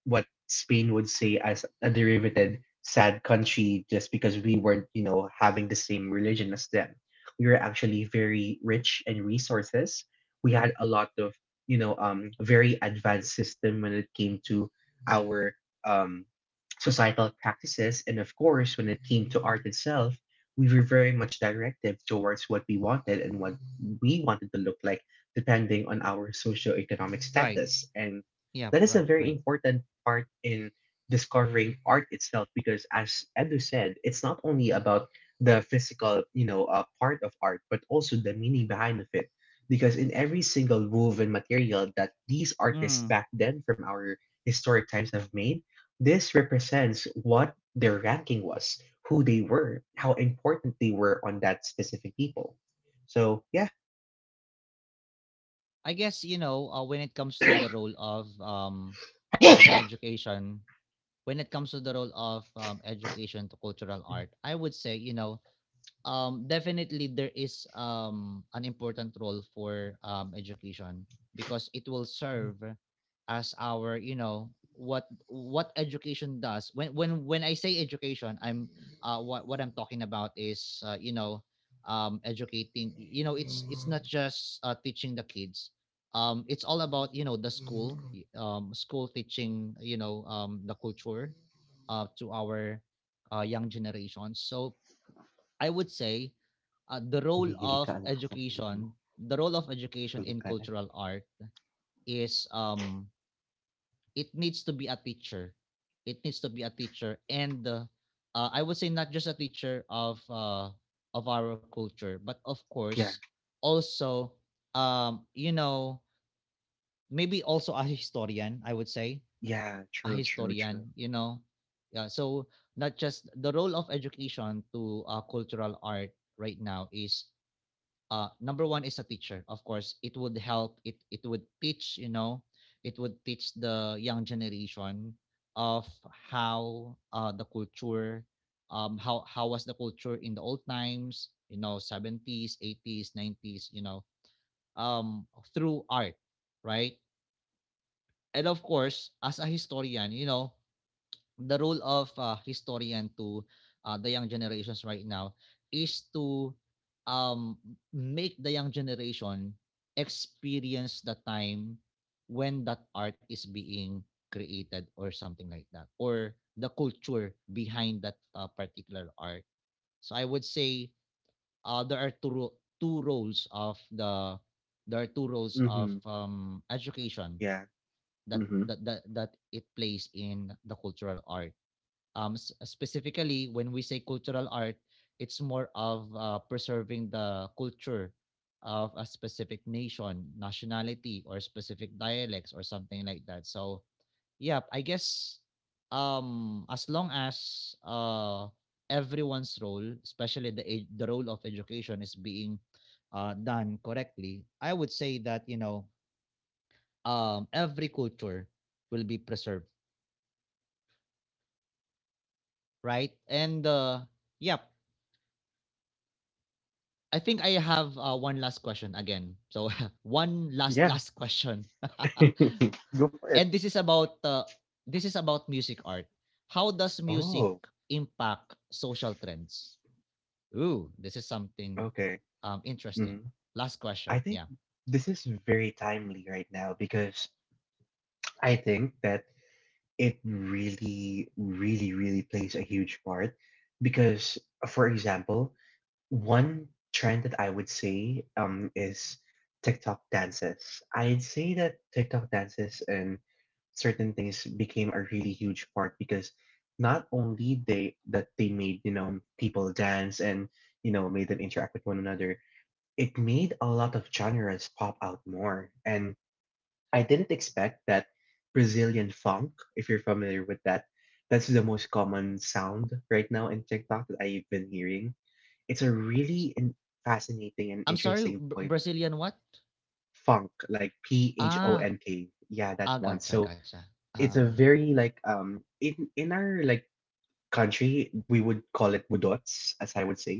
B: what Spain would say as a derivative sad country just because we weren't, having the same religion as them. We were actually very rich in resources. We had a lot of, very advanced system when it came to our um, societal practices, and of course, when it came to art itself, we were very much directive towards what we wanted and what we wanted to look like, depending on our socioeconomic
A: Right.
B: status. And
A: Yep.
B: that is a
A: Right.
B: very
A: Right.
B: important part in discovering art itself because as Edu said, it's not only about the physical, part of art, but also the meaning behind of it. Because in every single woven material that these artists
A: Hmm.
B: back then from our historic times have made, this represents what their ranking was, who they were, how important they were on that specific people. So yeah. <laughs>
A: I guess, you know, when it comes to the role of, education, when it comes to the role of, education to cultural art, I would say, you know, definitely there is an important role for education, because it will serve as our, you know, what education does when I say education, I'm what I'm talking about is, you know, educating, you know, it's not just teaching the kids, it's all about, you know, the school teaching, you know, the culture to our young generations. So I would say the role
B: Humihilig
A: of
B: ka, ang lakas ng hilig mo.
A: education, the role of education in
B: Tulog ka na.
A: cultural art is, it needs to be a teacher. It needs to be a teacher, and I would say not just a teacher of our culture, but of course also, you know, maybe also a historian. I would say
B: Yeah,
A: a
B: true, true,
A: historian.
B: true.
A: You know, yeah. So, not just the role of education to cultural art right now is, number one, is a teacher. Of course, it would help, it would teach, you know, it would teach the young generation of how the culture, how was the culture in the old times, you know, 70s, 80s, 90s, you know, um through art, right? And of course, as a historian, you know, the role of historian to the young generations right now is to, um, make the young generation experience the time when that art is being created, or something like that, or the culture behind that particular art. So I would say there are two, roles of the, there are two roles of,
B: Mm-hmm.
A: education
B: Yeah.
A: that,
B: Mm-hmm.
A: it plays in the cultural art. um specifically when we say cultural art, it's more of preserving the culture of a specific nationality or specific dialects or something like that. So yeah, I guess, as long as everyone's role, especially the role of education, is being done correctly, I would say that, you know, every culture will be preserved, right? And yep. I think I have one last question again. So <laughs> one
B: Yeah.
A: last question. <laughs>
B: <laughs> Go for it.
A: And this is about music art. How does music
B: Oh,
A: impact social trends? Ooh, this is something
B: okay.
A: interesting.
B: Hmm.
A: Last
B: I
A: question.
B: think
A: Yeah.
B: this is very timely right now because I think that it really, really, really plays a huge part. Because, for example, one trend that I would say is TikTok dances. I'd say that TikTok dances and certain things became a really huge part because not only they that they made people dance and made them interact with one another, it made a lot of genres pop out more, and I didn't expect that Brazilian funk, if you're familiar with that, that's the most common sound right now in TikTok that I've been hearing. It's a really fascinating and
A: I'm sorry,
B: interesting
A: Br-
B: point.
A: Brazilian what?
B: Funk, like p h o
A: Ah,
B: n k yeah, that one. So
A: gotcha, gotcha.
B: it's a
A: Ah.
B: very like in our like country, we would call it budots, as I would say,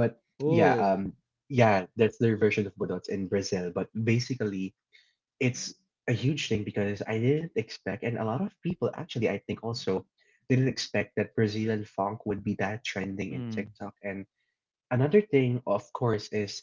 B: but yeah
A: Oh.
B: yeah, that's their version of budots in Brazil. But basically it's a huge thing because I didn't expect, and a lot of people actually I think also didn't expect that Brazilian funk would be that trending in
A: Mm,
B: TikTok. And another thing, of course, is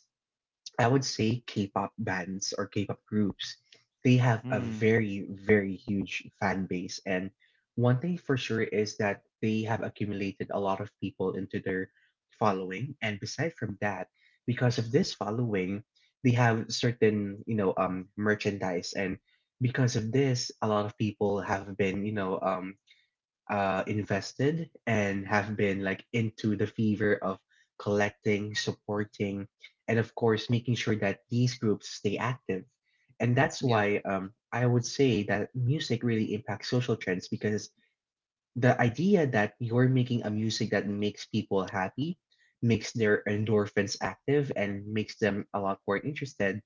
B: I would say K-pop bands or K-pop groups, they have a
A: mm,
B: very, very huge fan base. And one thing for sure is that they have accumulated a lot of people into their following. And beside from that, because of this following, they have certain, merchandise. And because of this, a lot of people have been, invested and have been like into the fever of collecting, supporting, and of course, making sure that these groups stay active. And that's
A: yep.
B: why I would say that music really impacts social trends, because the idea that you're making a music that makes people happy, makes their endorphins active, and makes them a lot more interested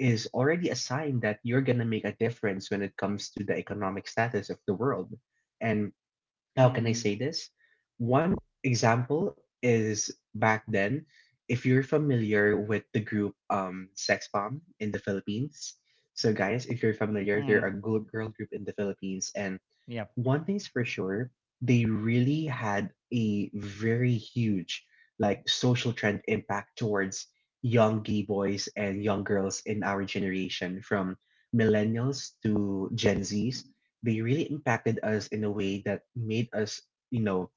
B: is already a sign that you're going to make a difference when it comes to the economic status of the world. And how can I
A: Mm,
B: say this? One example is back then, if you're familiar with the group Sex Bomb in the Philippines. So guys, if you're familiar, they're a
A: mm,
B: good girl group in the Philippines, and
A: yep.
B: one thing's for sure, they really had a very huge like social trend impact towards young gay boys and young girls in our generation, from millennials to Gen Zs. They really impacted us in a way that made us, you know,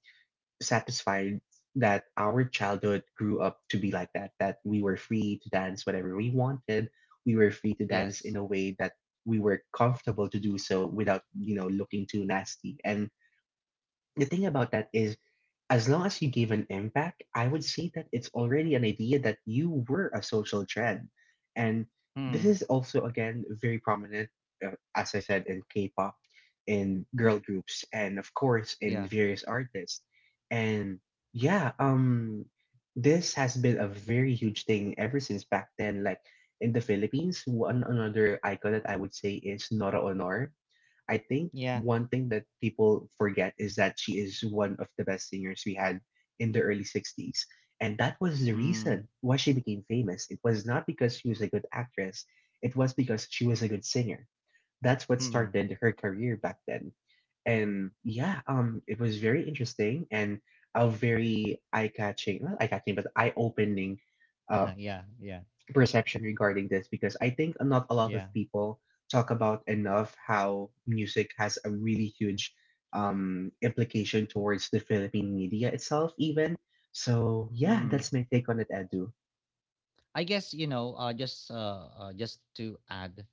B: satisfied that our childhood grew up to be like that, that we were free to dance whatever we wanted. We were free to dance
A: Yes.
B: in a way that we were comfortable to do so without, looking too nasty. And the thing about that is, as long as you gave an impact, I would say that it's already an idea that you were a social trend. And this is
A: Mm.
B: also again very prominent, as I said, in K-pop, in girl groups, and of course in
A: Yeah.
B: various artists. And yeah, this has been a very huge thing ever since back then, like in the Philippines. One another icon that I would say is Nora Honor. I think
A: Yeah.
B: one thing that people forget is that she is one of the best singers we had in the early 60s. And that was the reason
A: Mm.
B: why she became famous. It was not because she was a good actress, it was because she was a good singer. That's what started
A: Mhm.
B: her career back then. And yeah, it was very interesting and a very eye catching, not eye catching, but eye opening uh,
A: Uh-huh, yeah, yeah,
B: perception regarding this, because I think not a lot of
A: yeah.
B: people talk about enough how music has a really huge implication towards the Philippine media itself, even. So, yeah,
A: Mhm.
B: that's my take on it, Edu.
A: I guess, you know, just to add,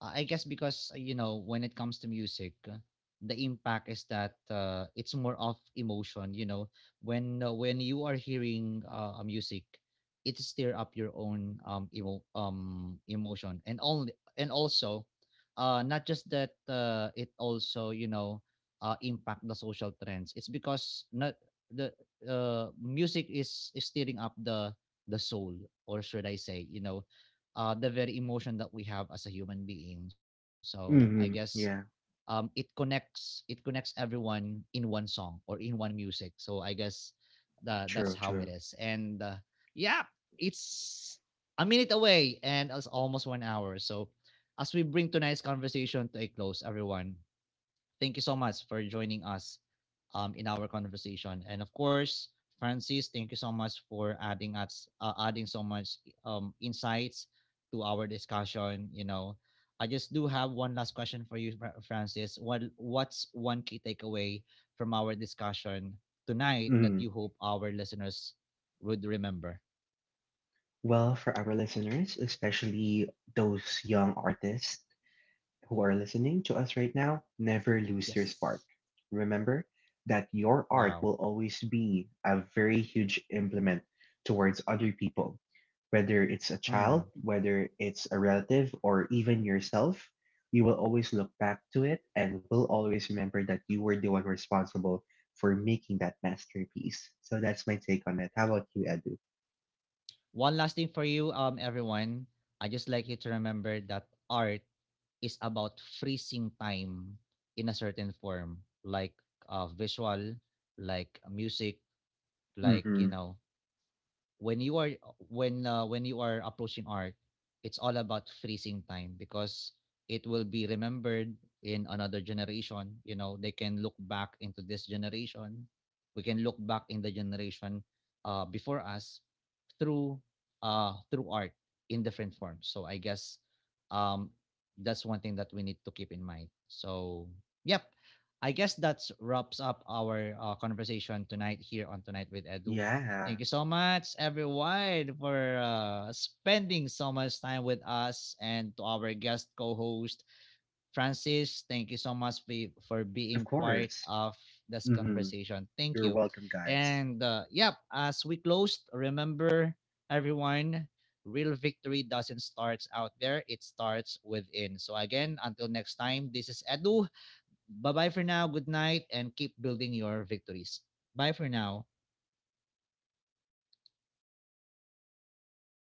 A: I guess, because, you know, when it comes to music, the impact is that, it's more of emotion. You know, when you are hearing a music, it stir up your own, emotion, and also, not just that, it also, you know, impact the social trends. It's because not the music is stirring up the soul, or should I say, you know, the very emotion that we have as a human being. So I guess,
B: Mm-hmm. Yeah,
A: it connects, it connects everyone in one song or in one music. So I guess that's
B: true,
A: how it
B: true.
A: is. And yeah, it's a minute away and it's almost 1 hour. So as we bring tonight's conversation to a close, everyone, thank you so much for joining us, in our conversation. And of course, Francis, thank you so much for adding so much, insights to our discussion. You know, I just do have one last question for you, Francis. What's one key takeaway from our discussion tonight that
B: Mm-hmm.
A: you hope our listeners would remember?
B: Well, for our listeners, especially those young artists who are listening to us right now, never lose your
A: Yes.
B: spark. Remember that your art
A: Wow.
B: will always be a very huge implement towards other people, whether it's a child,
A: Hmm.
B: whether it's a relative, or even yourself. You will always look back to it and will always remember that you were the one responsible for making that masterpiece. So that's my take on it. How about you, Edu?
A: One last thing for you, everyone. I just like you to remember that art is about freezing time in a certain form, like visual, like music, like,
B: Mm-hmm.
A: you know, when you are when you are approaching art, it's all about freezing time, because it will be remembered in another generation. You know, they can look back into this generation, we can look back in the generation before us, through through art, in different forms. So I guess, um, that's one thing that we need to keep in mind. So yep, I guess that wraps up our conversation tonight here on Tonight with Edu.
B: Yeah,
A: Thank you so much, everyone, for spending so much time with us, and to our guest co host, Francis. Thank you so much for
B: of
A: being
B: course.
A: part of this
B: Mm-hmm.
A: conversation. Thank
B: You're
A: you.
B: welcome, guys.
A: And yep, as we closed, remember, everyone, real victory doesn't start out there, it starts within. So, again, until next time, this is Edu. Bye bye for now. Good night and keep building your victories. Bye for now.